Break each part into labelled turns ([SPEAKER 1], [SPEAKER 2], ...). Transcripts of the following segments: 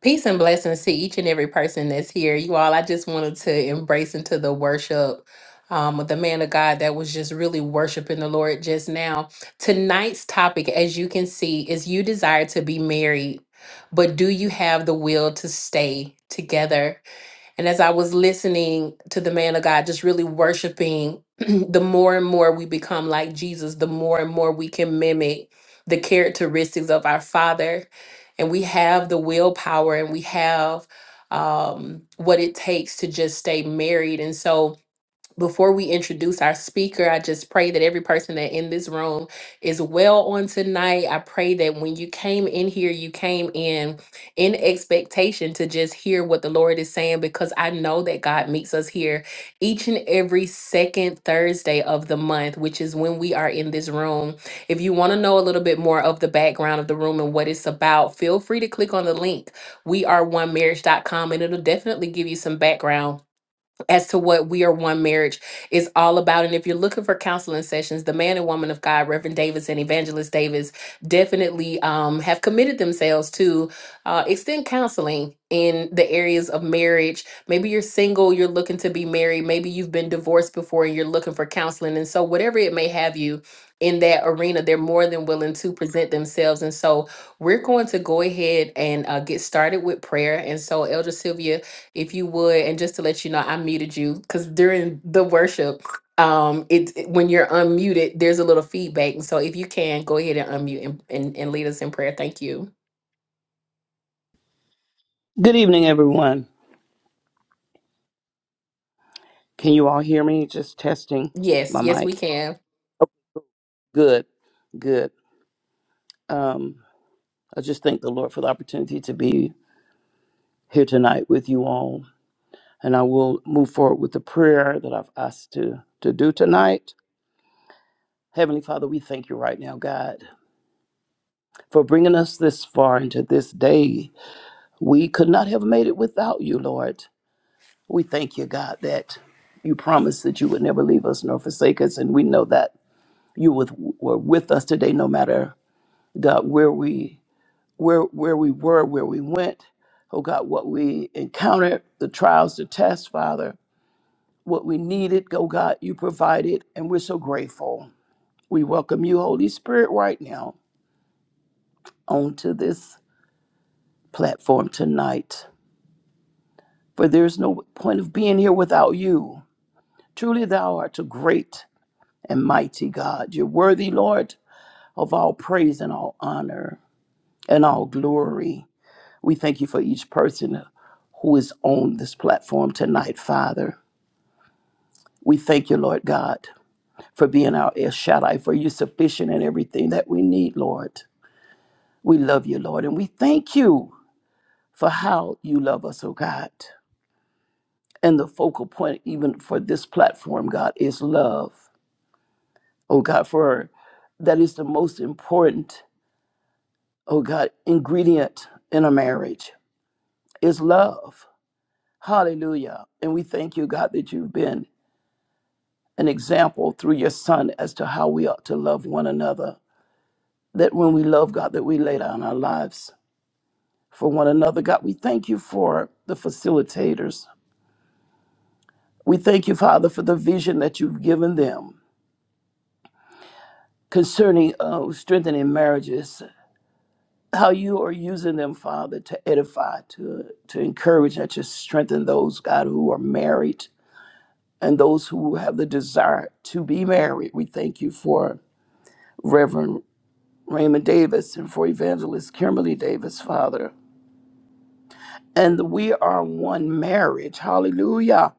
[SPEAKER 1] Peace and blessings to each and every person that's here. You all, I just wanted to embrace into the worship um, with the man of God that was just really worshiping the Lord just now. Tonight's topic, as you can see, is you desire to be married, but do you have the will to stay together? And as I was listening to the man of God, just really worshiping, the more and more we become like Jesus, the more and more we can mimic the characteristics of our Father. And we have the willpower and we have um, what it takes to just stay married. And so, before we introduce our speaker, I just pray that every person that in this room is well on tonight. I pray that when you came in here, you came in in expectation to just hear what the Lord is saying because I know that God meets us here each and every second Thursday of the month, which is when we are in this room. If you want to know a little bit more of the background of the room and what it's about, feel free to click on the link. We are one marriage dot com, and it'll definitely give you some background as to what We Are One Marriage is all about. And if you're looking for counseling sessions, the man and woman of God, Reverend Davis and Evangelist Davis, definitely um, have committed themselves to uh, extend counseling in the areas of marriage. Maybe you're single, you're looking to be married, maybe you've been divorced before and you're looking for counseling. And so, whatever it may have you, in that arena, they're more than willing to present themselves. And so, we're going to go ahead and uh, get started with prayer. And so, Elder Sylvia, if you would and just to let you know i muted you because during the worship um it it- when you're unmuted there's a little feedback and so if you can go ahead and unmute and, and, and lead us in prayer thank you
[SPEAKER 2] Good evening, everyone. Can you all hear me? Just testing
[SPEAKER 1] yes
[SPEAKER 2] my
[SPEAKER 1] yes we
[SPEAKER 2] mic.
[SPEAKER 1] can
[SPEAKER 2] Good, good. Um, I just thank the Lord for the opportunity to be here tonight with you all. And I will move forward with the prayer that I've asked to, to do tonight. Heavenly Father, we thank you right now, God, for bringing us this far into this day. We could not have made it without you, Lord. We thank you, God, that you promised that you would never leave us nor forsake us. And we know that you with- were with us today, no matter God, where we where where we were, where we went, oh God, what we encountered, the trials, the tests, Father, what we needed, oh God, you provided, and we're so grateful. We welcome you, Holy Spirit, right now onto this platform tonight. For there's no point of being here without you. Truly thou art a great and mighty God. You're worthy, Lord, of all praise and all honor and all glory. We thank you for each person who is on this platform tonight, Father. We thank you, Lord God, for being our El Shaddai, for you sufficient in everything that we need, Lord. We love you, Lord, and we thank you for how you love us, oh God. And the focal point, even for this platform, God, is love. Oh God, for that is the most important, oh God, ingredient in a marriage is love. Hallelujah. And we thank you, God, that you've been an example through your son as to how we ought to love one another. That when we love God, that we lay down our lives for one another. God, we thank you for the facilitators. We thank you, Father, for the vision that you've given them concerning uh, strengthening marriages. How you are using them, Father, to edify, to to encourage, and to strengthen those God who are married and those who have the desire to be married. We thank you for Reverend Raymond Davis, and for Evangelist Kimberly Davis, Father. And we are one marriage. Hallelujah.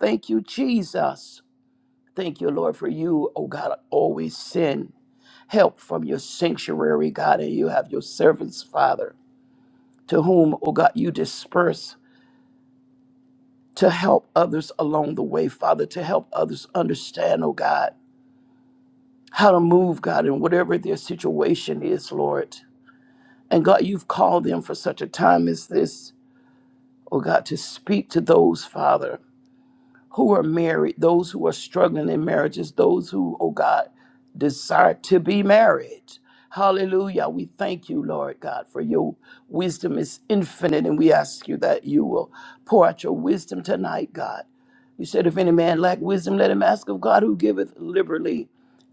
[SPEAKER 2] Thank you, Jesus. Thank you, Lord, for you, oh God, always send help from your sanctuary, God, and you have your servants, Father, to whom, oh God, you disperse to help others along the way, Father, to help others understand, oh God, how to move, God, in whatever their situation is, Lord. And God, you've called them for such a time as this oh God, to speak to those, Father, who are married, those who are struggling in marriages, those who, oh God, desire to be married. Hallelujah. We thank you, Lord God, for your wisdom is infinite, and we ask you that you will pour out your wisdom tonight, God. You said, if any man lack wisdom, let him ask of God who giveth liberally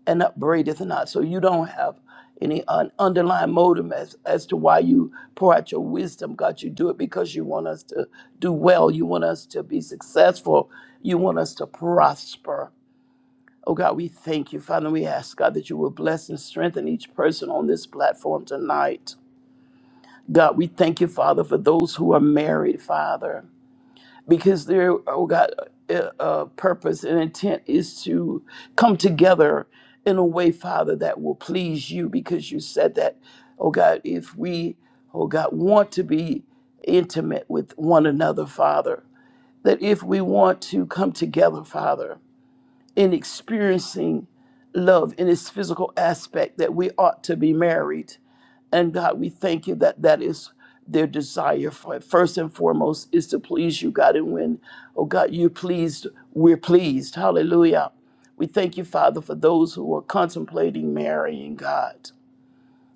[SPEAKER 2] and upbraideth not. So you don't have any un- underlying motive as, as to why you pour out your wisdom, God. You do it because you want us to do well. You want us to be successful. You want us to prosper. Oh God, we thank you, Father. We ask, God, that you will bless and strengthen each person on this platform tonight. God, we thank you, Father, for those who are married, Father because their oh God uh, uh, purpose and intent is to come together in a way, Father, that will please you. Because you said that, oh God, if we, oh God, want to be intimate with one another, Father, that if we want to come together, Father in experiencing love in its physical aspect that we ought to be married. And God, we thank you that that is their desire for it. First and foremost is to please you, God. And when, oh God, you're pleased, we're pleased. Hallelujah. We thank you, Father, for those who are contemplating marrying, God,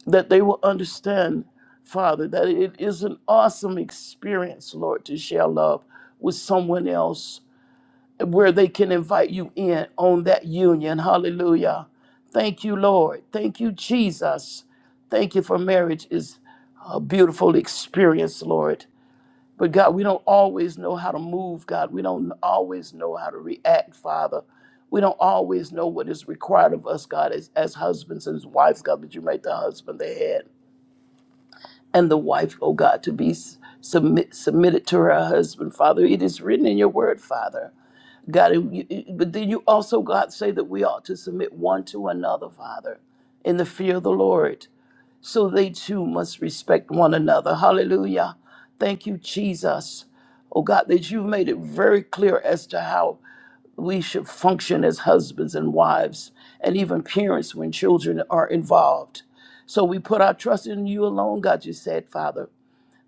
[SPEAKER 2] that they will understand, Father, that it is an awesome experience, Lord, to share love with someone else where they can invite you in on that union. Hallelujah. Thank you, Lord. Thank you, Jesus. Thank you for marriage is a beautiful experience, Lord. But God, we don't always know how to move, God. We don't always know how to react, Father. We don't always know what is required of us, God, as, as husbands and as wives, God, but you make the husband the head and the wife, oh God, to be submit, submitted to her husband, Father. It is written in your word, Father. God, but then you also, God, say that we ought to submit one to another, Father, in the fear of the Lord. So they too must respect one another. Hallelujah. Thank you, Jesus. Oh, God, that you've made it very clear as to how we should function as husbands and wives, and even parents when children are involved. So we put our trust in you alone, God, you said, Father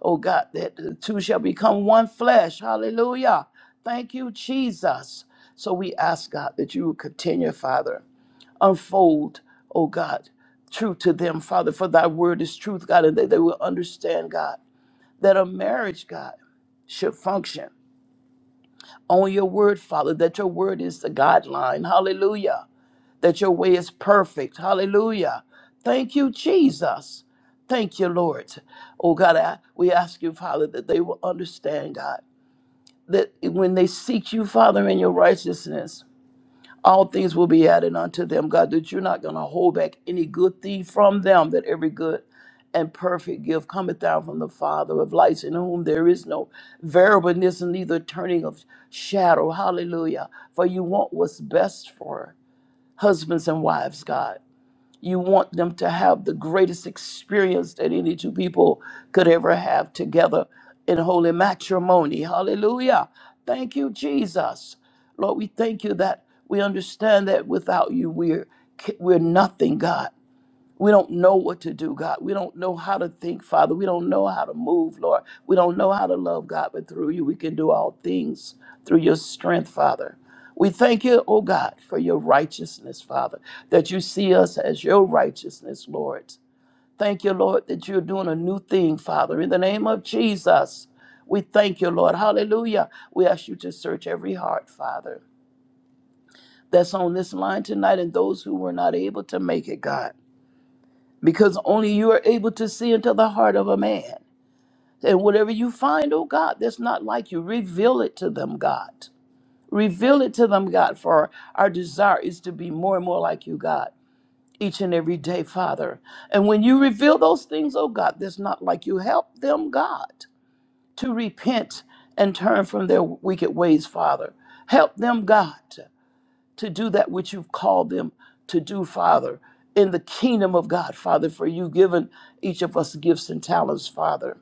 [SPEAKER 2] oh God, that the two shall become one flesh. Hallelujah. Thank you, Jesus. So we ask, God, that you will continue, Father, unfold, oh God, truth to them, Father, for thy word is truth, God, and that they will understand, God, that a marriage, God, should function on your word, Father, that your word is the guideline. Hallelujah that your way is perfect. Hallelujah. Thank you, Jesus. Thank you, Lord. Oh God, I, we ask you, Father, that they will understand, God, that when they seek you, Father, in your righteousness, all things will be added unto them, God, that you're not going to hold back any good thing from them, that every good and perfect gift cometh down from the Father of lights, in whom there is no variableness, neither turning of shadow. Hallelujah. For you want what's best for husbands and wives, God. You want them to have the greatest experience that any two people could ever have together in holy matrimony. Hallelujah. Thank you, Jesus. Lord, we thank you that we understand that without you, we're, we're nothing, God. We don't know what to do, God. We don't know how to think, Father. We don't know how to move, Lord. We don't know how to love, God, but through you, we can do all things through your strength, Father. We thank you, oh God, for your righteousness, Father, that you see us as your righteousness, Lord. Thank you, Lord, that you're doing a new thing, Father. In the name of Jesus, we thank you, Lord. Hallelujah. We ask you to search every heart, Father, that's on this line tonight and those who were not able to make it, God because only you are able to see into the heart of a man. And whatever you find, oh God, that's not like you, reveal it to them, God. Reveal it to them, God, for our desire is to be more and more like you, God, each and every day, Father. And when you reveal those things, oh God, that's not like you, help them, God, to repent and turn from their wicked ways, Father. Help them, God to do that which you've called them to do, Father, in the kingdom of God, Father, for you've given each of us gifts and talents, Father.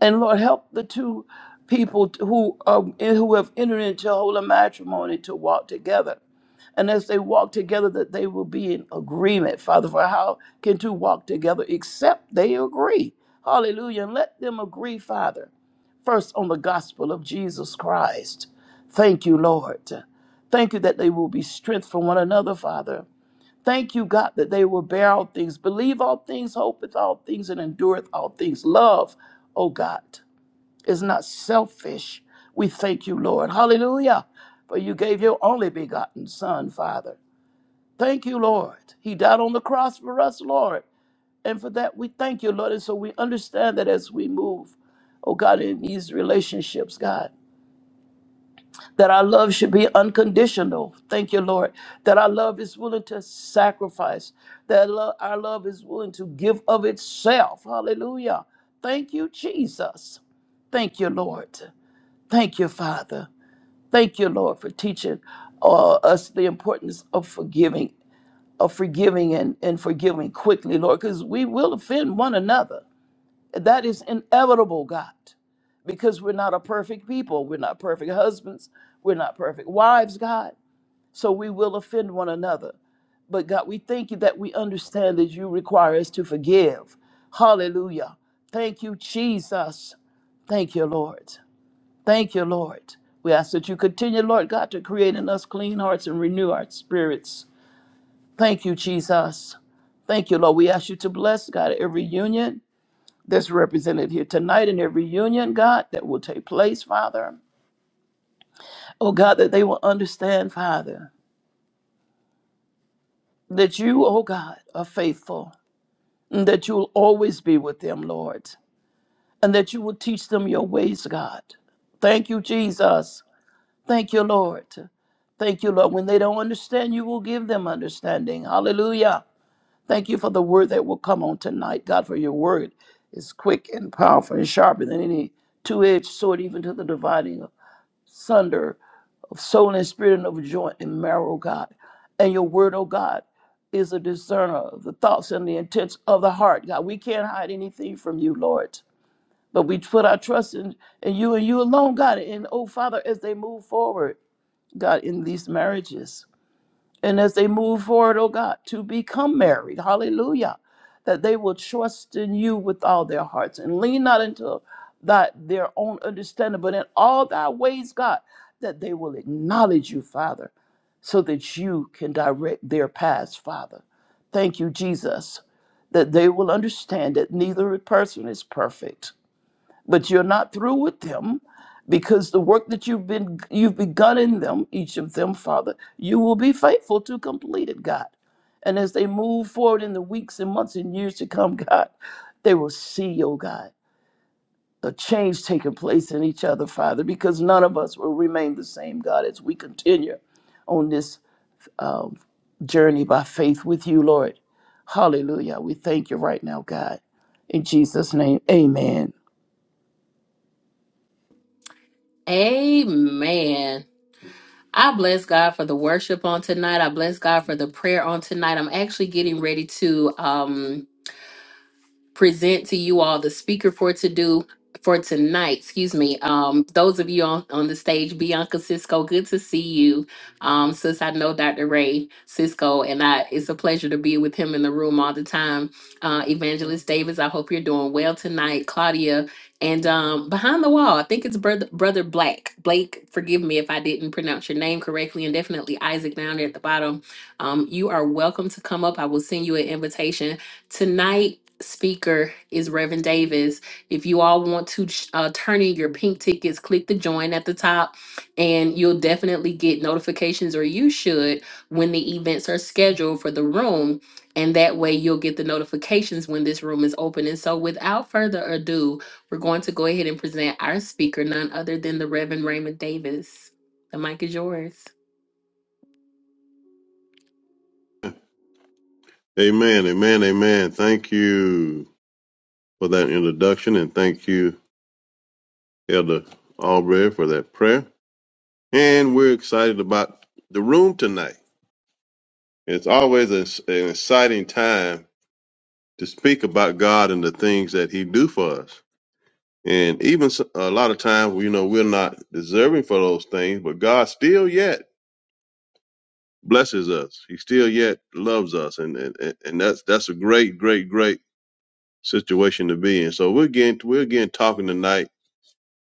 [SPEAKER 2] And Lord, help the two people who, um, who have entered into holy matrimony to walk together and as they walk together, that they will be in agreement. Father, for how can two walk together except they agree? Hallelujah. And let them agree, Father, first on the gospel of Jesus Christ. Thank you, Lord. Thank you that they will be strength for one another, Father. Thank you, God, that they will bear all things, believe all things, hopeth all things, and endureth all things. Love, oh God, is not selfish. We thank you, Lord. Hallelujah. For you gave your only begotten Son, Father Thank you, Lord. He died on the cross for us, Lord. And for that, we thank you, Lord. And so we understand that as we move, oh God, in these relationships, God, that our love should be unconditional. Thank you, Lord. That our love is willing to sacrifice, that lo- our love is willing to give of itself. Hallelujah. Thank you, Jesus. Thank you, Lord. Thank you, Father. Thank you, Lord, for teaching uh, us the importance of forgiving of forgiving and, and forgiving quickly, Lord, because we will offend one another. That is inevitable, God, because we're not a perfect people. We're not perfect husbands. We're not perfect wives, God. So we will offend one another. But God, we thank you that we understand that you require us to forgive. Hallelujah. Thank you, Jesus. Thank you, Lord. Thank you, Lord. We ask that you continue, Lord God, to create in us clean hearts and renew our spirits. Thank you, Jesus. Thank you, Lord. We ask you to bless, God, every union that's represented here tonight and every union, God, that will take place, Father. Oh, God, that they will understand, Father, that you, oh God, are faithful and that you will always be with them, Lord, and that you will teach them your ways, God. Thank you, Jesus. Thank you, Lord. Thank you, Lord. When they don't understand, you will give them understanding. Hallelujah. Thank you for the word that will come on tonight. God, for your word is quick and powerful and sharper than any two edged sword, even to the dividing of sunder of soul and spirit and of joint and marrow, God. And your word, oh God, is a discerner of the thoughts and the intents of the heart, God. We can't hide anything from you, Lord. But we put our trust in, in you and you alone, God. And oh, Father, as they move forward, God, in these marriages. And as they move forward, oh God, to become married, hallelujah, that they will trust in you with all their hearts and lean not into that their own understanding, but in all thy ways, God, that they will acknowledge you, Father, so that you can direct their paths, Father. Thank you, Jesus, that they will understand that neither person is perfect but you're not through with them because the work that you've been you've begun in them each of them father you will be faithful to complete it god and as they move forward in the weeks and months and years to come god they will see oh god the change taking place in each other father because none of us will remain the same god as we continue on this um, journey by faith with you lord hallelujah we thank you right now god in jesus name amen
[SPEAKER 1] amen I bless God for the worship on tonight. I bless God for the prayer on tonight. I'm actually getting ready to um present to you all the speaker for to do for tonight. Excuse me. Um, those of you on, on the stage, Bianca Cisco, good to see you. Um, since I know Dr. Ray Cisco, and I it's a pleasure to be with him in the room all the time. Uh, Evangelist Davis, I hope you're doing well tonight. Claudia, and um, behind the wall, I think it's brother brother Black Blake. Forgive me if I didn't pronounce your name correctly, and definitely Isaac down there at the bottom. Um, you are welcome to come up. I will send you an invitation tonight speaker is Reverend Davis. If you all want to uh, turn in your pink tickets, click the join at the top, and you'll definitely get notifications, or you should, when the events are scheduled for the room. And that way, you'll get the notifications when this room is open. And so, without further ado, we're going to go ahead and present our speaker, none other than the Reverend Raymond Davis. The mic is yours.
[SPEAKER 3] Amen, amen, amen. Thank you for that introduction and thank you, Elder Albright, for that prayer. And we're excited about the room tonight. It's always a, an exciting time to speak about God and the things that He do for us. And even s- a lot of times, you know, we're not deserving for those things, but God still yet blesses us. He still yet loves us, and and, and that's that's a great, great, great situation to be in. So we're getting we're again talking tonight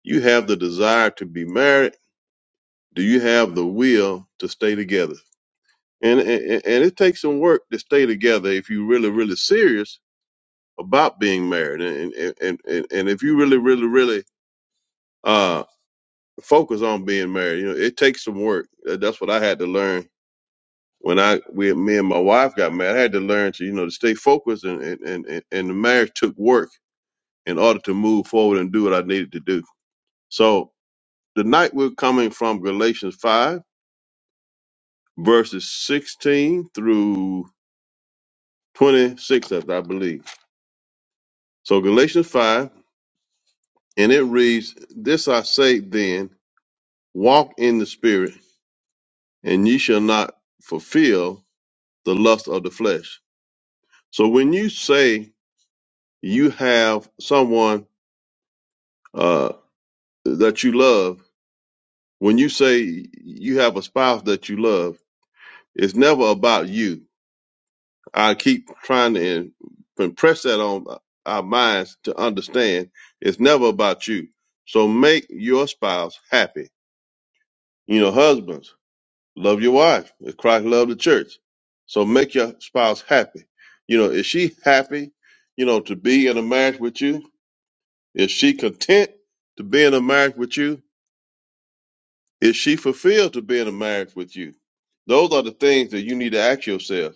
[SPEAKER 3] You have the desire to be married. Do you have the will to stay together? And, and and it takes some work to stay together if you're really really serious about being married, and and and, and and if you really really really uh focus on being married, you know, it takes some work. That- That's what I had to learn when I we me and my wife got married. I had to learn to you know to stay focused, and and and, and and the marriage took work in order to move forward and do what I needed to do. So the night we're coming from Galatians five verses 16 through 26, I I believe. So Galatians 5, and it reads, This I say then, walk in the spirit, and ye shall not fulfill the lust of the flesh. So when you say you have someone uh, that you love, when you say you have a spouse that you love, it's never about you. I keep trying to impress that on our minds to understand it's never about you. So make your spouse happy. You know, husbands, love your wife. as Christ loved the church. So make your spouse happy. You know, is she happy, you know, to be in a marriage with you? Is she content to be in a marriage with you? Is she fulfilled to be in a marriage with you? Those are the things that you need to ask yourself.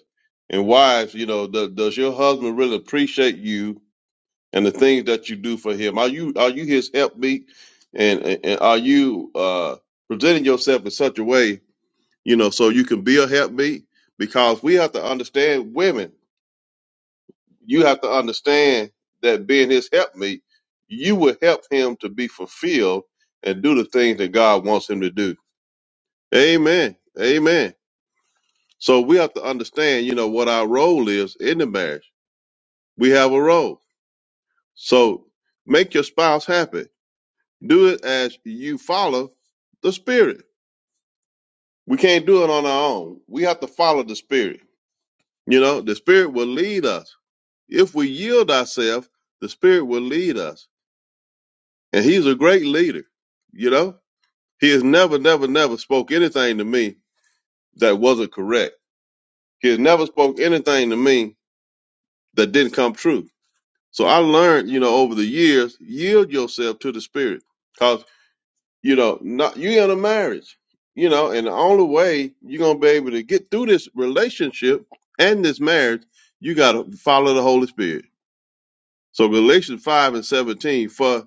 [SPEAKER 3] And wives, you know, do- does your husband really appreciate you and the things that you do for him. Are you are you his helpmeet, and, and and are you uh, presenting yourself in such a way, you know, so you can be a helpmeet? Because we have to understand women. You have to understand that being his helpmeet, you will help him to be fulfilled and do the things that God wants him to do. Amen. Amen. So we have to understand, you know, what our role is in the marriage. We have a role. So make your spouse happy Do it as you follow the Spirit. We can't do it on our own. We have to follow the Spirit. You know, the Spirit will lead us. If we yield ourselves, the Spirit will lead us. And He's a great leader. You know, He has never, never, never spoke anything to me that wasn't correct. He has never spoke anything to me that didn't come true. So I learned, you know, over the years, yield yourself to the Spirit. 'Cause You know, not you in a marriage. You know, and the only way you're gonna be able to get through this relationship and this marriage, you gotta follow the Holy Spirit. So Galatians five and seventeen, for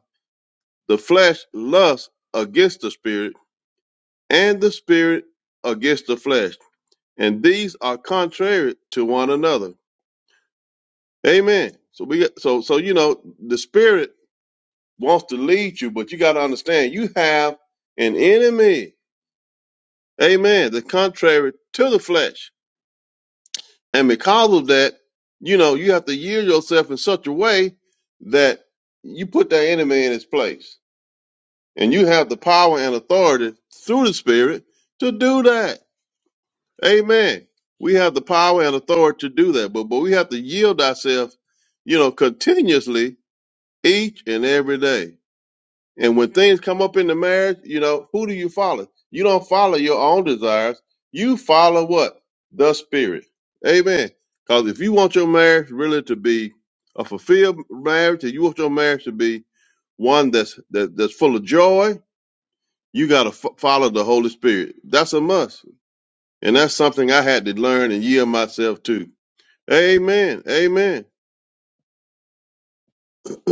[SPEAKER 3] the flesh lusts against the spirit, and the spirit against the flesh. And these are contrary to one another. Amen. So we get so so you know the spirit wants to lead you, but you gotta understand you have an enemy. Amen. The contrary to the flesh. And because of that, you know, you have to yield yourself in such a way that you put that enemy in his place. And you have the power and authority through the Spirit to do that. Amen. We have the power and authority to do that. But but we have to yield ourselves, you know, continuously each and every day. And when things come up in the marriage, you know, who do you follow? You don't follow your own desires. You follow what? The Spirit. Amen. Because if you want your marriage really to be a fulfilled marriage, if you want your marriage to be one that's that, that's full of joy, you got to f- follow the Holy Spirit. That's a must, and that's something I had to learn and yield myself to. Amen. Amen.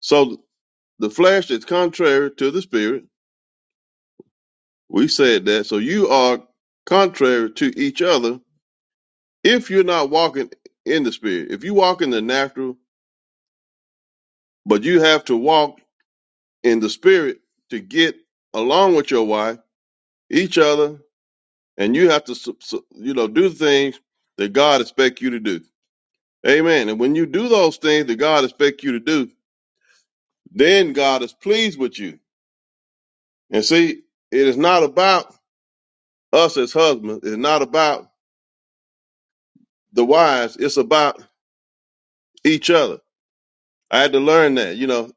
[SPEAKER 3] so the flesh is contrary to the Spirit We said that. So you are contrary to each other if you're not walking in the spirit. If you walk in the natural, but you have to walk in the spirit to get along with your wife, each other, and you have to, su- su- you know, do the things that God expects you to do. Amen. And when you do those things that God expects you to do, then God is pleased with you. And see, it is not about us as husbands. It's not about the wives. It's about each other I had to learn that, you know,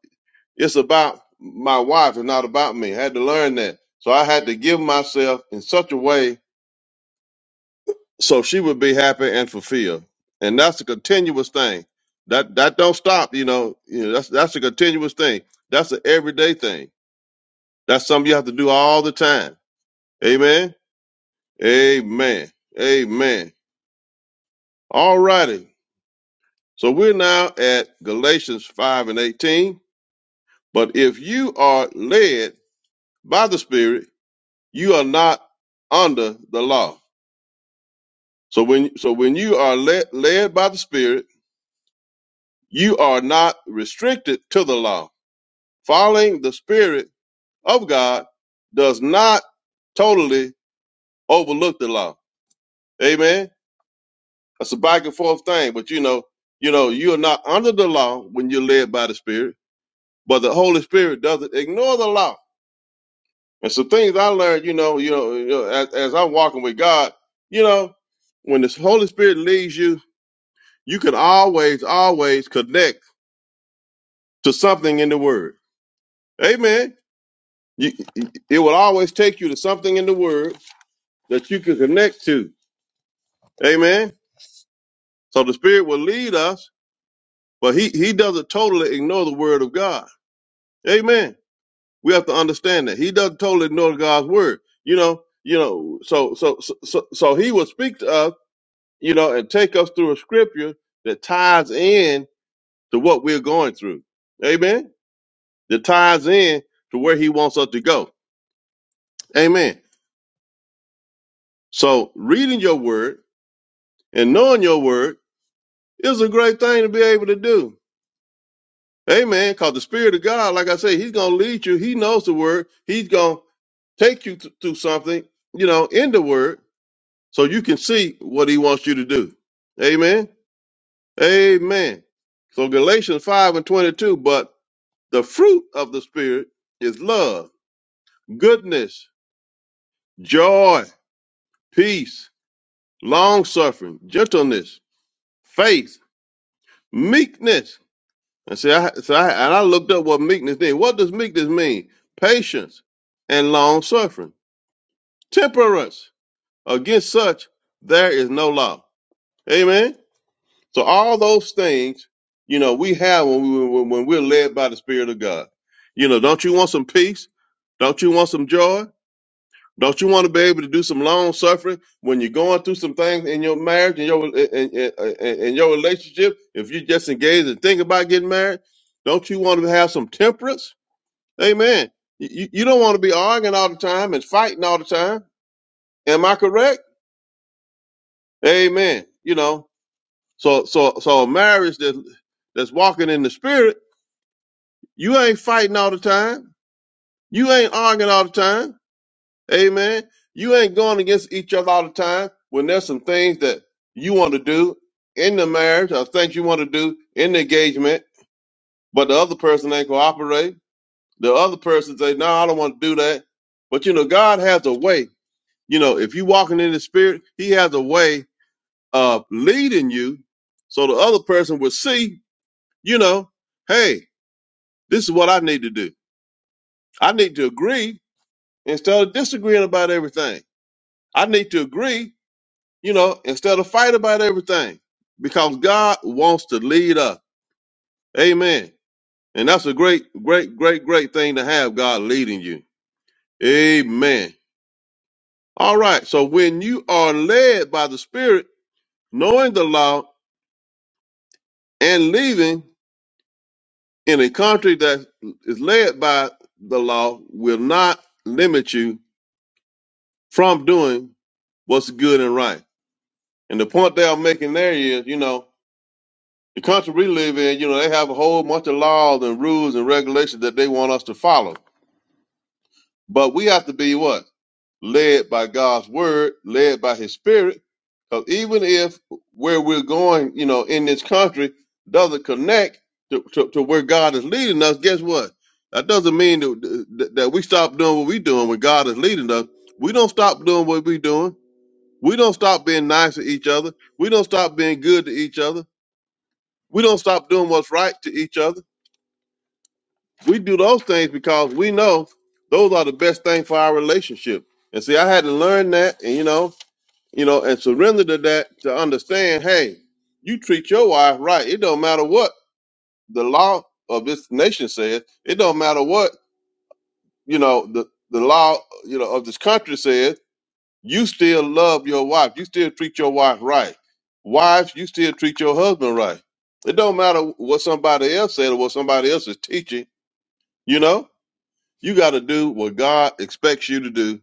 [SPEAKER 3] it's about my wife and not about me. I had to learn that. So I had to give myself in such a way so she would be happy and fulfilled. And that's a continuous thing. That that don't stop, you know. You know, that's that's a continuous thing. That's an everyday thing. That's something you have to do all the time. Amen. Amen. Amen. All righty. So we're now at Galatians 5 and 18. But if you are led by the Spirit, you are not under the law. So when so when you are led, led by the Spirit, you are not restricted to the law. Following the Spirit of God does not totally overlook the law. Amen. That's a back and forth thing, but you know, you know, you are not under the law when you're led by the Spirit, but the Holy Spirit doesn't ignore the law. And so, things I learned, you know, you know, you know as, as I'm walking with God, you know, when the Holy Spirit leads you you can always, always connect to something in the Word. Amen. You, it will always take you to something in the Word that you can connect to. Amen. So the Spirit will lead us, but He He doesn't totally ignore the Word of God. Amen. We have to understand that He doesn't totally ignore God's Word. You know, you know. So so so so, so He will speak to us, you know, and take us through a Scripture that ties in to what we're going through. Amen. that ties in to where he wants us to go. Amen. So reading your word and knowing your word is a great thing to be able to do. Amen. Cause the spirit of God, like I say, he's going to lead you. He knows the word. He's going to take you th- through something, you know, in the word so you can see what he wants you to do. Amen. Amen. So Galatians 5 and 22, but the fruit of the spirit is love, goodness, joy, peace, long suffering, gentleness, faith, meekness. And see, I, so I, and I looked up what meekness means. What does meekness mean? Patience and long suffering, temperance. Against such, there is no law. Amen. So all those things, you know, we have when we when when we're led by the Spirit of God. You know, don't you want some peace? Don't you want some joy? Don't you want to be able to do some long suffering when you're going through some things in your marriage and your in, in, in in your relationship? If you just engaged and think about getting married, don't you want to have some temperance? Amen. You, you you don't want to be arguing all the time and fighting all the time. Am I correct? Amen. You know, so so so a marriage that that's walking in the spirit, you ain't fighting all the time. You ain't arguing all the time Amen. You ain't going against each other all the time when there's some things that you want to do in the marriage or things you want to do in the engagement, but the other person ain't cooperate. The other person say, no, I don't want to do that. But you know, God has a way. You know, if you walking in the spirit, he has a way of leading you. So the other person will see, you know, hey, this is what I need to do. I need to agree instead of disagreeing about everything. I need to agree you know, instead of fight about everything, because God wants to lead us. Amen. And that's a great, great, great, great thing to have God leading you. Amen. All right. So when you are led by the Spirit, knowing the law and living in a country that is led by the law will not limit you from doing what's good and right. And the point they are making there is, you know, The country we live in, you know, they have a whole bunch of laws and rules and regulations that they want us to follow. But we have to be what? Led by God's word, led by his spirit. Because even if where we're going, you know, in this country doesn't connect to, to, to where God is leading us, guess what? That doesn't mean that, that that we stop doing what we're doing when God is leading us. We don't stop doing what we're doing. We don't stop being nice to each other. We don't stop being good to each other. We don't stop doing what's right to each other we do those things because we know those are the best thing for our relationship. And see, I had to learn that, and you know, you know, and surrender to that to understand. Hey, you treat your wife right. It don't matter what the law of this nation says. It don't matter what you know the the law you know of this country says. You still love your wife. You still treat your wife right. Wives, you still treat your husband right. It don't matter what somebody else said or what somebody else is teaching. You know You got to do what God expects you to do,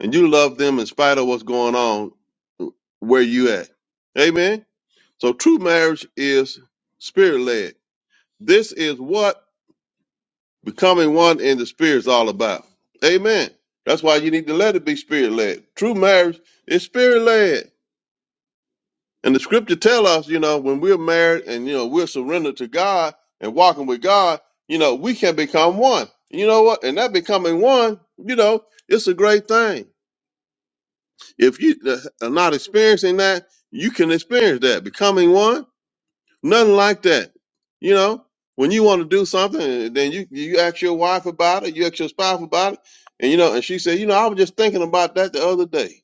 [SPEAKER 3] and you love them in spite of what's going on where you at. Amen. So true marriage is spirit led. This is what becoming one in the spirit is all about. Amen. That's why you need to let it be spirit led. True marriage is spirit led. And the scripture tell us, you know, when we're married and you know we're surrendered to God and walking with God, you know, we can become one. You know what? And that becoming one, you know, it's a great thing. If you uh, are not experiencing that, you can experience that. Becoming one, nothing like that. You know, when you want to do something, then you you ask your wife about it, you ask your spouse about it, and you know, and she said, you know, I was just thinking about that the other day.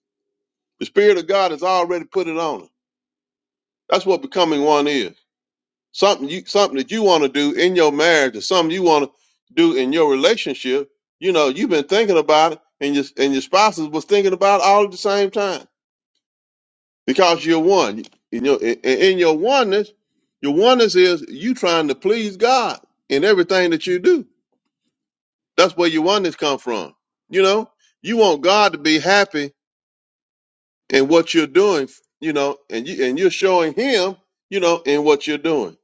[SPEAKER 3] The spirit of God has already put it on her. That's what becoming one is. Something you something that you want to do in your marriage, or something you want to do in your relationship. You know, you've been thinking about it, and your and your spouses was thinking about it all at the same time because you're one. In your in, in your oneness, your oneness is you trying to please God in everything that you do. That's where your oneness come from. You know, you want God to be happy in what you're doing. You know, and you and you're showing Him. You know, in what you're doing,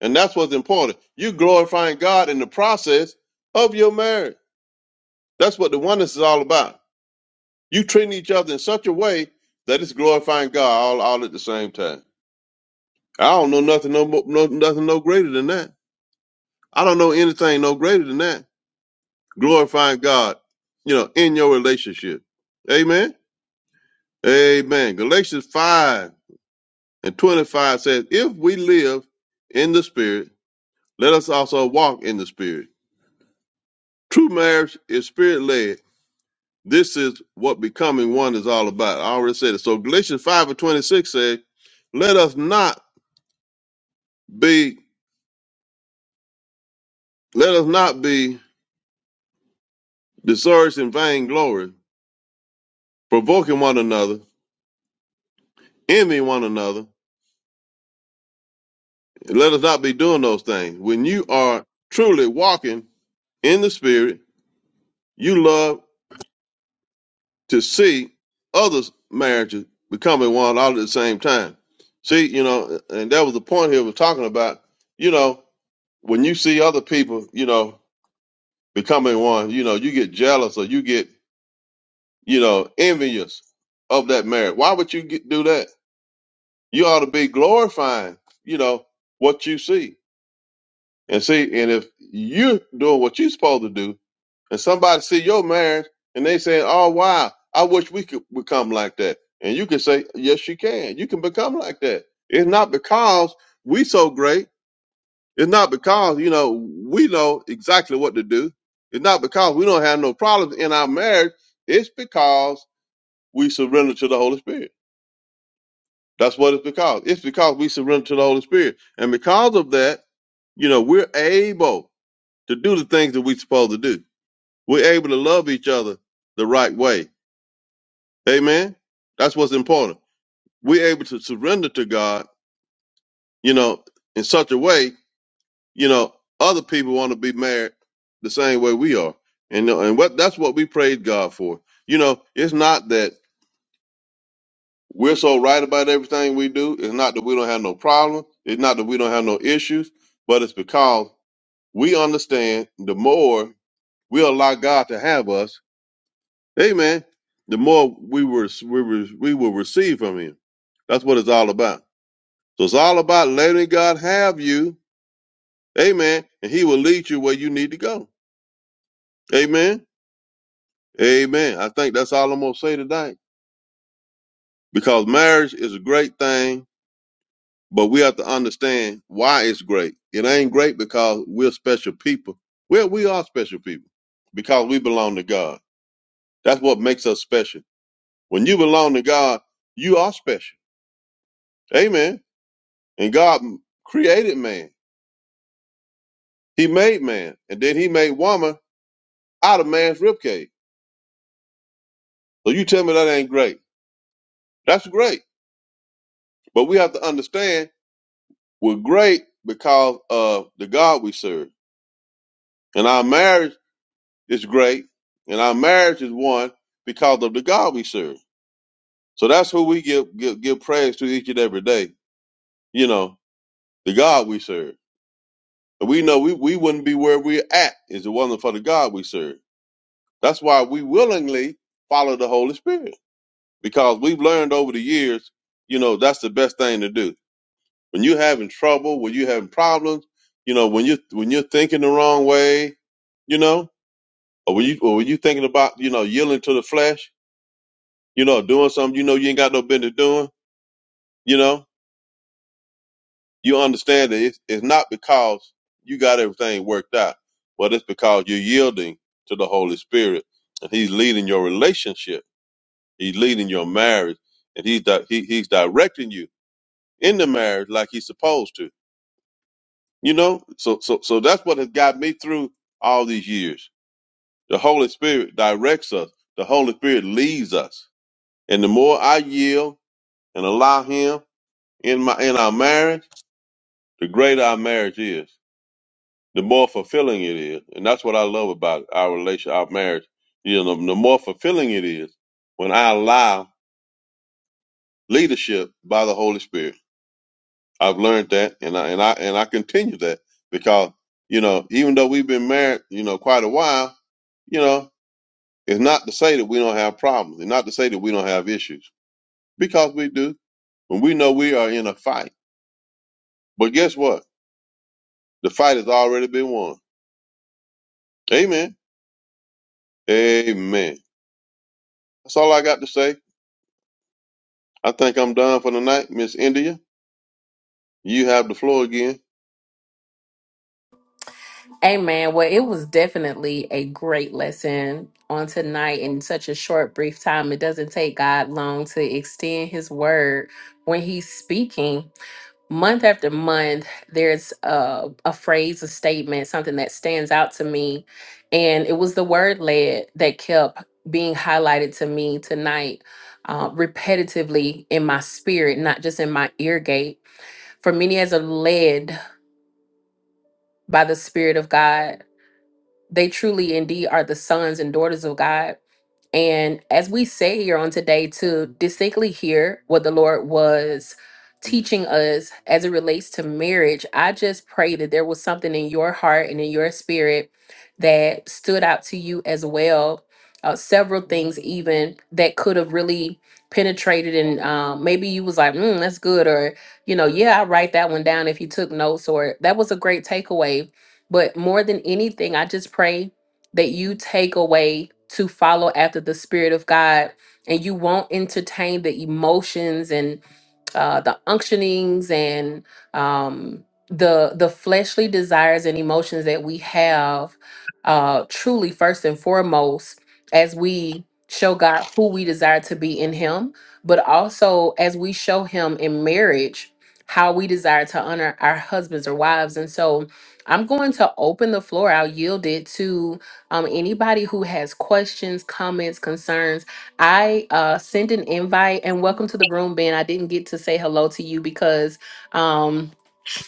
[SPEAKER 3] and that's what's important. You glorifying God in the process of your marriage. That's what the oneness is all about. You treating each other in such a way that it's glorifying God all, all at the same time. I don't know nothing no, mo- no nothing no greater than that. I don't know anything no greater than that. Glorifying God, you know, in your relationship. Amen. Amen. Galatians 5 and 25 says, If we live in the spirit, let us also walk in the spirit. True marriage is spirit led. This is what becoming one is all about. I already said it. So Galatians 5 and 26 says, Let us not be let us not be discouraged in vainglory provoking one another, envying one another. Let us not be doing those things. When you are truly walking in the Spirit, you love to see others' marriages becoming one all at the same time. See, you know, and that was the point here we're talking about. You know, when you see other people, you know, becoming one, you know, you get jealous or you get, you know, envious of that marriage. Why would you get, do that? You ought to be glorifying, you know, what you see And see, and if you doing what you supposed to do, and somebody see your marriage and they say, "Oh wow, I wish we could become like that," and you can say, "Yes, you can. You can become like that." It's not because we so great. It's not because you know we know exactly what to do. It's not because we don't have no problems in our marriage. It's because we surrender to the Holy Spirit. That's what it's because. It's because we surrender to the Holy Spirit, and because of that, you know, we're able. to do the things that we're supposed to do. We're able to love each other the right way. Amen. That's what's important. We're able to surrender to God, you know, in such a way, you know, other people want to be married the same way we are. And, uh, and what that's what we praise God for. You know, it's not that we're so right about everything we do. It's not that we don't have no problem. It's not that we don't have no issues, but it's because we understand the more we allow God to have us Amen. The more we were we were we will receive from him. That's what it's all about. So it's all about letting God have you. Amen. And he will lead you where you need to go. Amen. Amen. I think that's all I'm gonna say tonight. Because marriage is a great thing, but we have to understand why it's great. It ain't great because we're special people. Well, we are special people because we belong to God. That's what makes us special. When you belong to God, you are special. Amen. And God created man. He made man. And then he made woman out of man's ribcage. So you tell me that ain't great. That's great. But we have to understand we're great because of the God we serve. And our marriage is great. And our marriage is one because of the God we serve. So that's who we give give, give praise to each and every day. You know, the God we serve. And we know we, we wouldn't be where we're at is it wasn't for the God we serve. That's why we willingly follow the Holy Spirit because we've learned over the years, you know, that's the best thing to do. When you're having trouble, when you're having problems, you know, when you when you're thinking the wrong way, you know, or when you or when you thinking about, you know, yielding to the flesh, you know, doing something you know you ain't got no business doing, you know, you understand that it's, it's not because you got everything worked out, but it's because you're yielding to the Holy Spirit and He's leading your relationship, He's leading your marriage, and He's di- he, He's directing you in the marriage like he's supposed to. You know, so so so that's what has got me through all these years. The Holy Spirit directs us. The Holy Spirit leads us. And the more I yield and allow Him in my in our marriage, the greater our marriage is. The more fulfilling it is, and that's what I love about our relation, our marriage. You know, the more fulfilling it is when I allow leadership by the Holy Spirit. I've learned that, and I and I and I continue that because you know, even though we've been married, you know, quite a while, you know, it's not to say that we don't have problems, and not to say that we don't have issues because we do. When we know we are in a fight, but guess what? The fight has already been won. Amen. Amen. That's all I got to say. I think I'm done for the night, Miss India. You have the floor again.
[SPEAKER 1] Amen. Well, it was definitely a great lesson on tonight in such a short, brief time. It doesn't take God long to extend his word when he's speaking. Month after month, there's a, a phrase, a statement, something that stands out to me. And it was the word led that kept being highlighted to me tonight. Uh, repetitively in my spirit, not just in my ear gate. For many as are led by the Spirit of God, they truly indeed are the sons and daughters of God. And as we say here on today, to distinctly hear what the Lord was teaching us as it relates to marriage, I just pray that there was something in your heart and in your spirit that stood out to you as well. Uh, several things even that could have really penetrated and um, maybe you was like mm, that's good or you know yeah i write that one down if you took notes or that was a great takeaway but more than anything i just pray that you take away to follow after the spirit of God and you won't entertain the emotions and uh, the unctionings and um, the the fleshly desires and emotions that we have uh, truly first and foremost as we show God who we desire to be in Him, but also as we show Him in marriage how we desire to honor our husbands or wives. And so I'm going to open the floor. I'll yield it to um, anybody who has questions, comments, concerns I uh, send an invite and welcome to the room, Ben. I didn't get to say hello to you because um,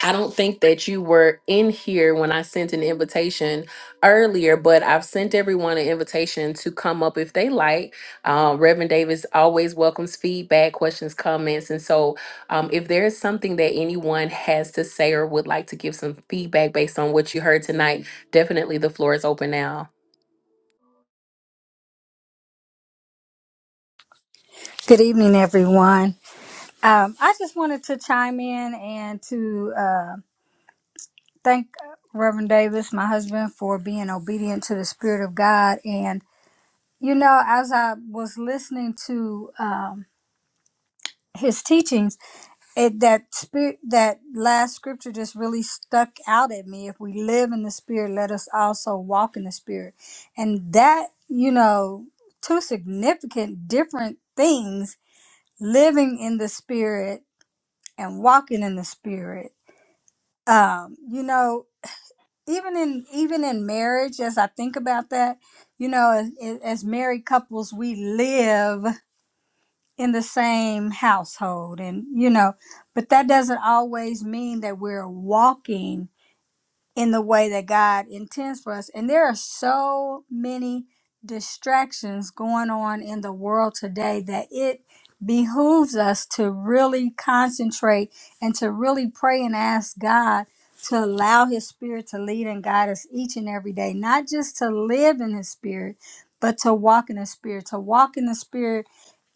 [SPEAKER 1] I don't think that you were in here when I sent an invitation earlier, but I've sent everyone an invitation to come up if they like. Uh, Reverend Davis always welcomes feedback, questions, comments. And so um, if there is something that anyone has to say or would like to give some feedback based on what you heard tonight, Definitely the floor is open now.
[SPEAKER 4] Good evening, everyone. Um, I just wanted to chime in and to uh, thank Reverend Davis, my husband, for being obedient to the Spirit of God. And, you know, as I was listening to um, his teachings, it, that spirit, that last scripture just really stuck out at me. If we live in the Spirit, let us also walk in the Spirit. And that, you know, two significant different things living in the Spirit and walking in the spirit um you know even in even in marriage as i think about that you know as, as married couples we live in the same household and you know but that doesn't always mean that we're walking in the way that God intends for us. And there are so many distractions going on in the world today that it behooves us to really concentrate and to really pray and ask God to allow His Spirit to lead and guide us each and every day, not just to live in His Spirit, but to walk in the Spirit, to walk in the Spirit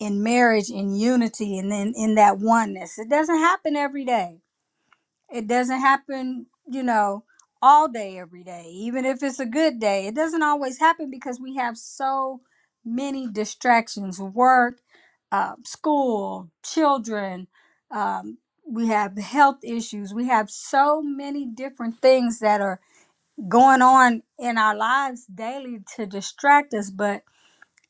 [SPEAKER 4] in marriage, in unity, and then in that oneness. It doesn't happen every day it doesn't happen, you know, all day, every day, even if it's a good day. It doesn't always happen because we have so many distractions work, uh, school, children. Um, we have health issues. We have so many different things that are going on in our lives daily to distract us. But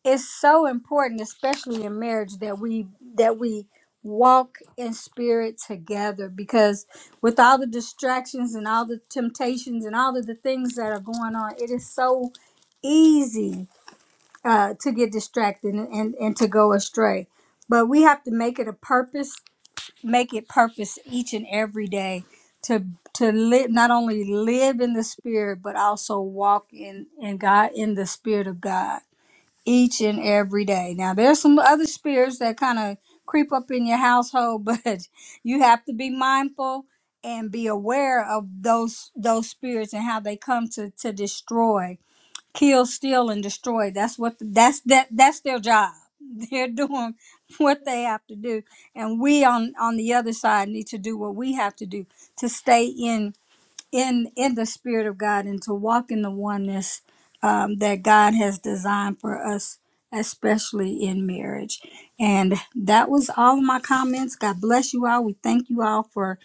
[SPEAKER 4] it's so important especially in marriage that we that we walk in spirit together because with all the distractions and all the temptations and all of the things that are going on it is so easy uh, to get distracted and, and, and to go astray but we have to make it a purpose make it purpose each and every day to to live not only live in the spirit but also walk in in god in the spirit of god each and every day. Now, there's some other spirits that kind of creep up in your household, but you have to be mindful and be aware of those those spirits and how they come to to destroy, kill, steal, and destroy. That's what that's that that's their job. They're doing what they have to do, and we on on the other side need to do what we have to do to stay in in in the spirit of God and to walk in the oneness um, that God has designed for us, especially in marriage. And that was all of my comments. God bless you all. We thank you all for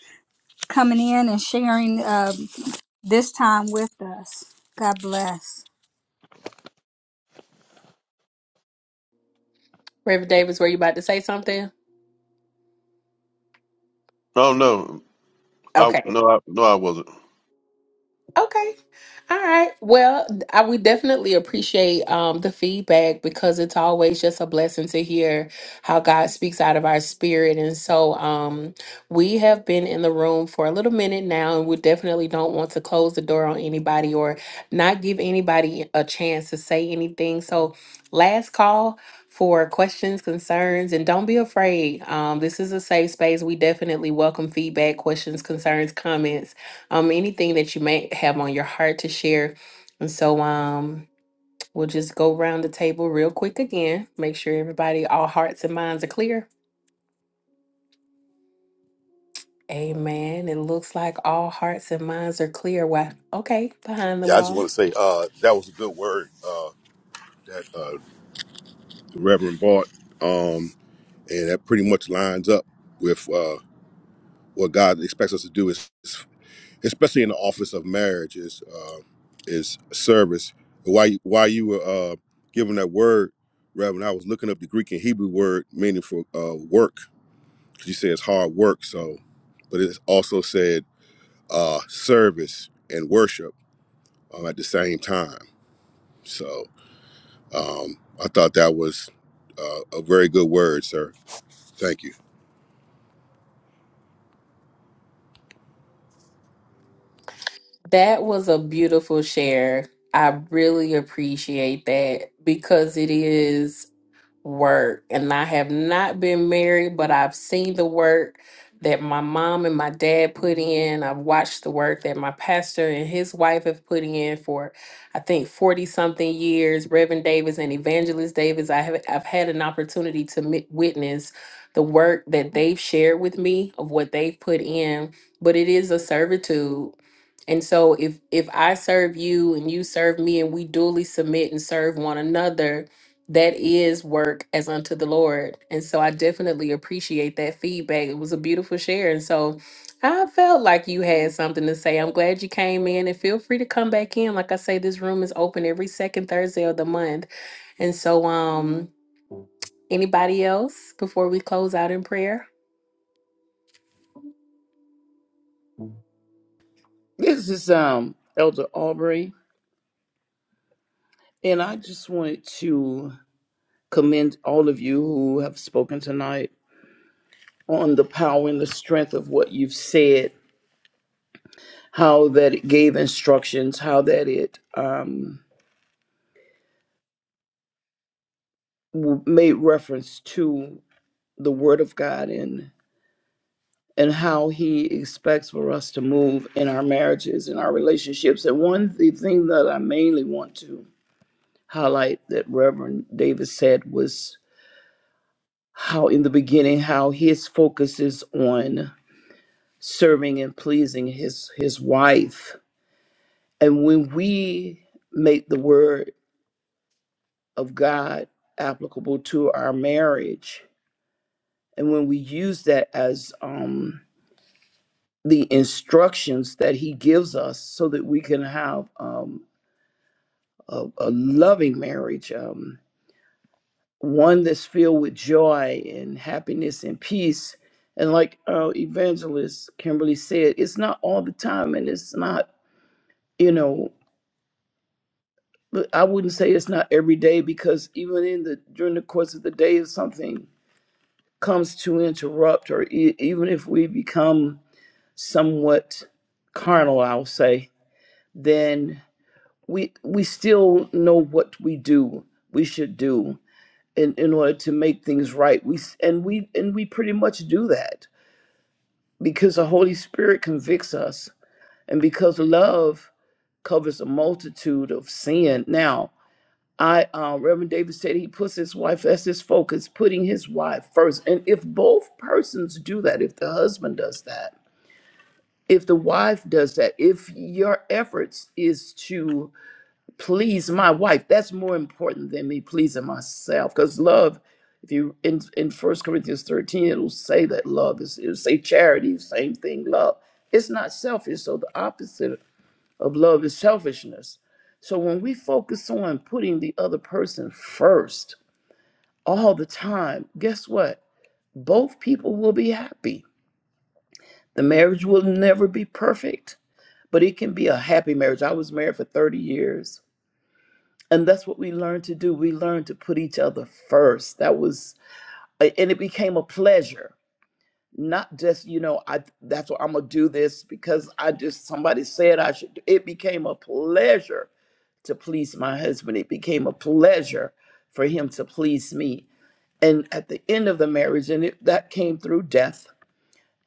[SPEAKER 4] coming in and sharing um, this time with us. God bless.
[SPEAKER 1] Reverend Davis, were you about to say something?
[SPEAKER 3] Oh no, I
[SPEAKER 1] Okay.
[SPEAKER 3] no, I, no, I wasn't.
[SPEAKER 1] Okay. All right. Well, I, we definitely appreciate um, the feedback because it's always just a blessing to hear how God speaks out of our spirit. And so um, we have been in the room for a little minute now, and we definitely don't want to close the door on anybody or not give anybody a chance to say anything. So, last call for questions, concerns, and don't be afraid. Um, this is a safe space. We definitely welcome feedback, questions, concerns, comments um, anything that you may have on your heart to share. And so um, we'll just go around the table real quick again, make sure everybody, all hearts and minds are clear. Amen. It looks like all hearts and minds are clear. Why? Okay, behind the
[SPEAKER 5] Yeah, I just
[SPEAKER 1] wall.
[SPEAKER 5] want to say uh, that was a good word uh, that uh, the Reverend bought, um, and that pretty much lines up with uh, what God expects us to do. Is is- especially in the office of marriage is uh, is service. While you, while you were uh, giving that word, Reverend, I was looking up the Greek and Hebrew word meaning for uh, work. 'cause You said it's hard work, so but it also said uh, service and worship um, at the same time. So. Um, I thought that was uh, a very good word, sir. Thank you.
[SPEAKER 1] That was a beautiful share. I really appreciate that because it is. work. And I have not been married, but I've seen the work that my mom and my dad put in. I've watched the work that my pastor and his wife have put in for, I think, 40 something years. Reverend Davis and Evangelist Davis, I have, I've had an opportunity to mi- witness the work that they've shared with me of what they've put in, but it is a servitude. And so if if I serve you and you serve me and we duly submit and serve one another, that is work as unto the Lord. And so I definitely appreciate that feedback. It was a beautiful share. And so I felt like you had something to say. I'm glad you came in and feel free to come back in. Like I say, this room is open every second Thursday of the month. And so um anybody else before we close out in prayer?
[SPEAKER 2] This is um Elder Aubrey, and I just wanted to commend all of you who have spoken tonight on the power and the strength of what you've said, how that it gave instructions, how that it um, w- made reference to the Word of God and and how He expects for us to move in our marriages and our relationships. And one the thing that I mainly want to highlight that Reverend Davis said was how in the beginning how his focus is on serving and pleasing his his wife and when we make the word of god applicable to our marriage and when we use that as um the instructions that he gives us so that we can have um a, a loving marriage um, one that's filled with joy and happiness and peace. And like our evangelist Kimberly said, it's not all the time and it's not, you know, but I wouldn't say it's not every day because even in the during the course of the day if something comes to interrupt or e- even if we become somewhat carnal, I'll say, then we we still know what we do, we should do. in, in order to make things right. We s- and we and we pretty much do that because the Holy Spirit convicts us, and because love covers a multitude of sin. Now, I uh, Reverend David said he puts his wife as his focus, putting his wife first. And if both persons do that, if the husband does that, if the wife does that, if your efforts is to please my wife. That's more important than me pleasing myself. Because love, if you in in First Corinthians thirteen, it'll say that love is it'll say charity, same thing. Love, it's not selfish. So the opposite of love is selfishness. So when we focus on putting the other person first all the time, guess what? Both people will be happy. The marriage will never be perfect, but it can be a happy marriage. I was married for 30 years and that's what we learned to do we learned to put each other first that was and it became a pleasure not just you know i that's what i'm gonna do this because i just somebody said i should do. it became a pleasure to please my husband it became a pleasure for him to please me and at the end of the marriage and it, that came through death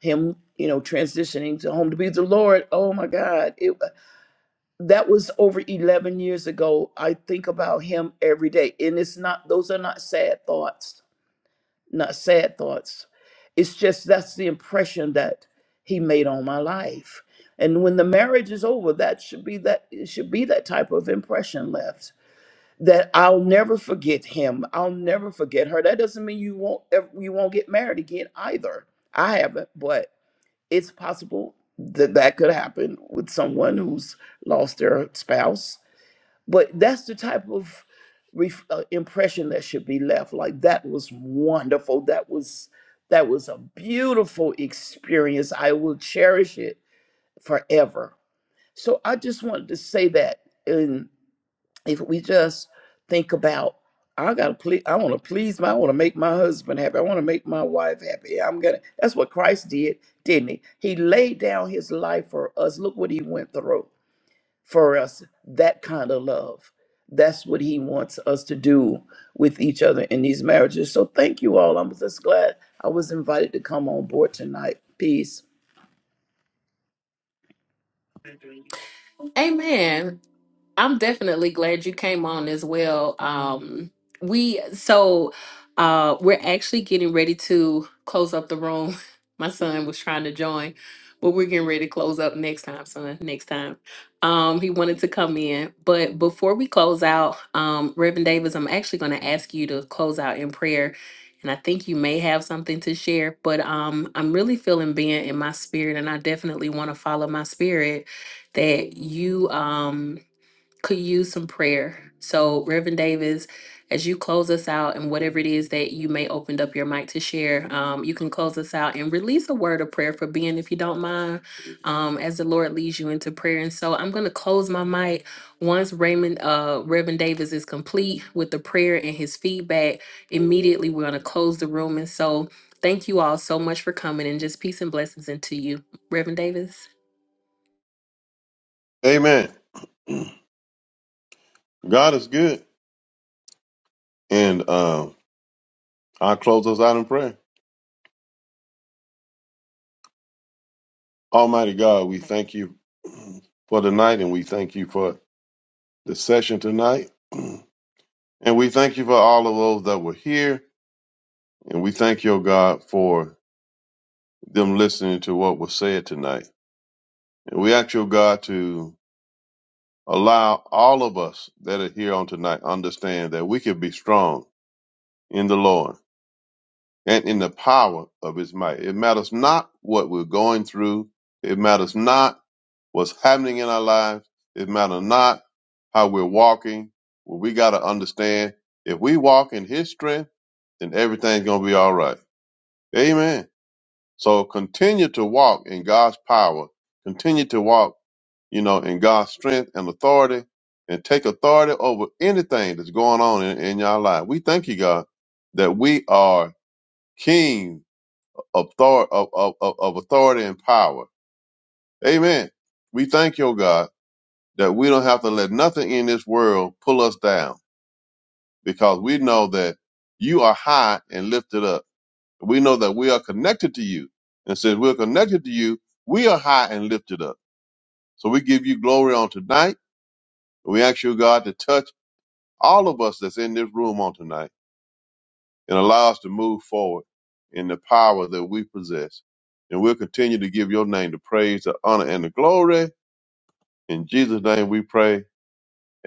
[SPEAKER 2] him you know transitioning to home to be the lord oh my god it, that was over 11 years ago. I think about him every day. And it's not, those are not sad thoughts, not sad thoughts. It's just that's the impression that he made on my life. And when the marriage is over, that should be that, it should be that type of impression left that I'll never forget him. I'll never forget her. That doesn't mean you won't, ever, you won't get married again either. I haven't, but it's possible that that could happen with someone who's lost their spouse but that's the type of ref- uh, impression that should be left. Like that was wonderful. That was that was a beautiful experience. I will cherish it forever. So I just wanted to say that, and if we just think about, I gotta please, I want to please my, I want to make my husband happy. I want to make my wife happy. I'm gonna. That's what Christ did, didn't he? He laid down his life for us. Look what he went through for us that kind of love. That's what he wants us to do with each other in these marriages. So thank you all. I'm just glad I was invited to come on board tonight. Peace.
[SPEAKER 1] Amen. I'm definitely glad you came on as well. Um, we so uh, we're actually getting ready to close up the room. My son was trying to join, but we're getting ready to close up next time, son. Next time, um, he wanted to come in, but before we close out, um, Reverend Davis, I'm actually going to ask you to close out in prayer. And I think you may have something to share, but um, I'm really feeling being in my spirit, and I definitely want to follow my spirit that you um could use some prayer. So, Reverend Davis, as you close us out and whatever it is that you may opened up your mic to share, um, you can close us out and release a word of prayer for Ben, if you don't mind, um, as the Lord leads you into prayer. And so, I'm going to close my mic once Raymond, uh, Reverend Davis is complete with the prayer and his feedback. Immediately, we're going to close the room. And so, thank you all so much for coming and just peace and blessings into you, Reverend Davis.
[SPEAKER 3] Amen. God is good, and um, I'll close us out in prayer. Almighty God, we thank you for tonight and we thank you for the session tonight. And we thank you for all of those that were here. And we thank your God for them listening to what was said tonight. And we ask your God to allow all of us that are here on tonight understand that we can be strong in the Lord and in the power of his might. It matters not what we're going through. It matters not What's happening in our lives, it matter not how we're walking. What we got to understand, if we walk in His strength, then everything's gonna be all right. Amen. So continue to walk in God's power. Continue to walk, you know, in God's strength and authority, and take authority over anything that's going on in, in your life. We thank you, God, that we are kings of, thor- of, of, of of authority and power. Amen. We thank you, oh God that we don't have to let nothing in this world pull us down because we know that you are high and lifted up. We know that we are connected to you. And since we're connected to you, we are high and lifted up. So we give you glory on tonight. We ask you, God, to touch all of us that's in this room on tonight and allow us to move forward in the power that we possess. And we'll continue to give your name the praise, the honor, and the glory. In Jesus' name we pray.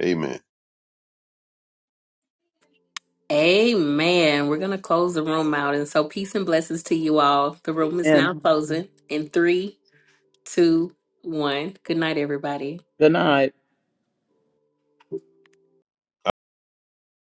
[SPEAKER 3] Amen.
[SPEAKER 1] Amen. We're going to close the room out. And so, peace and blessings to you all. The room is now
[SPEAKER 2] And
[SPEAKER 1] closing in three, two, one. Good night, everybody.
[SPEAKER 2] good night.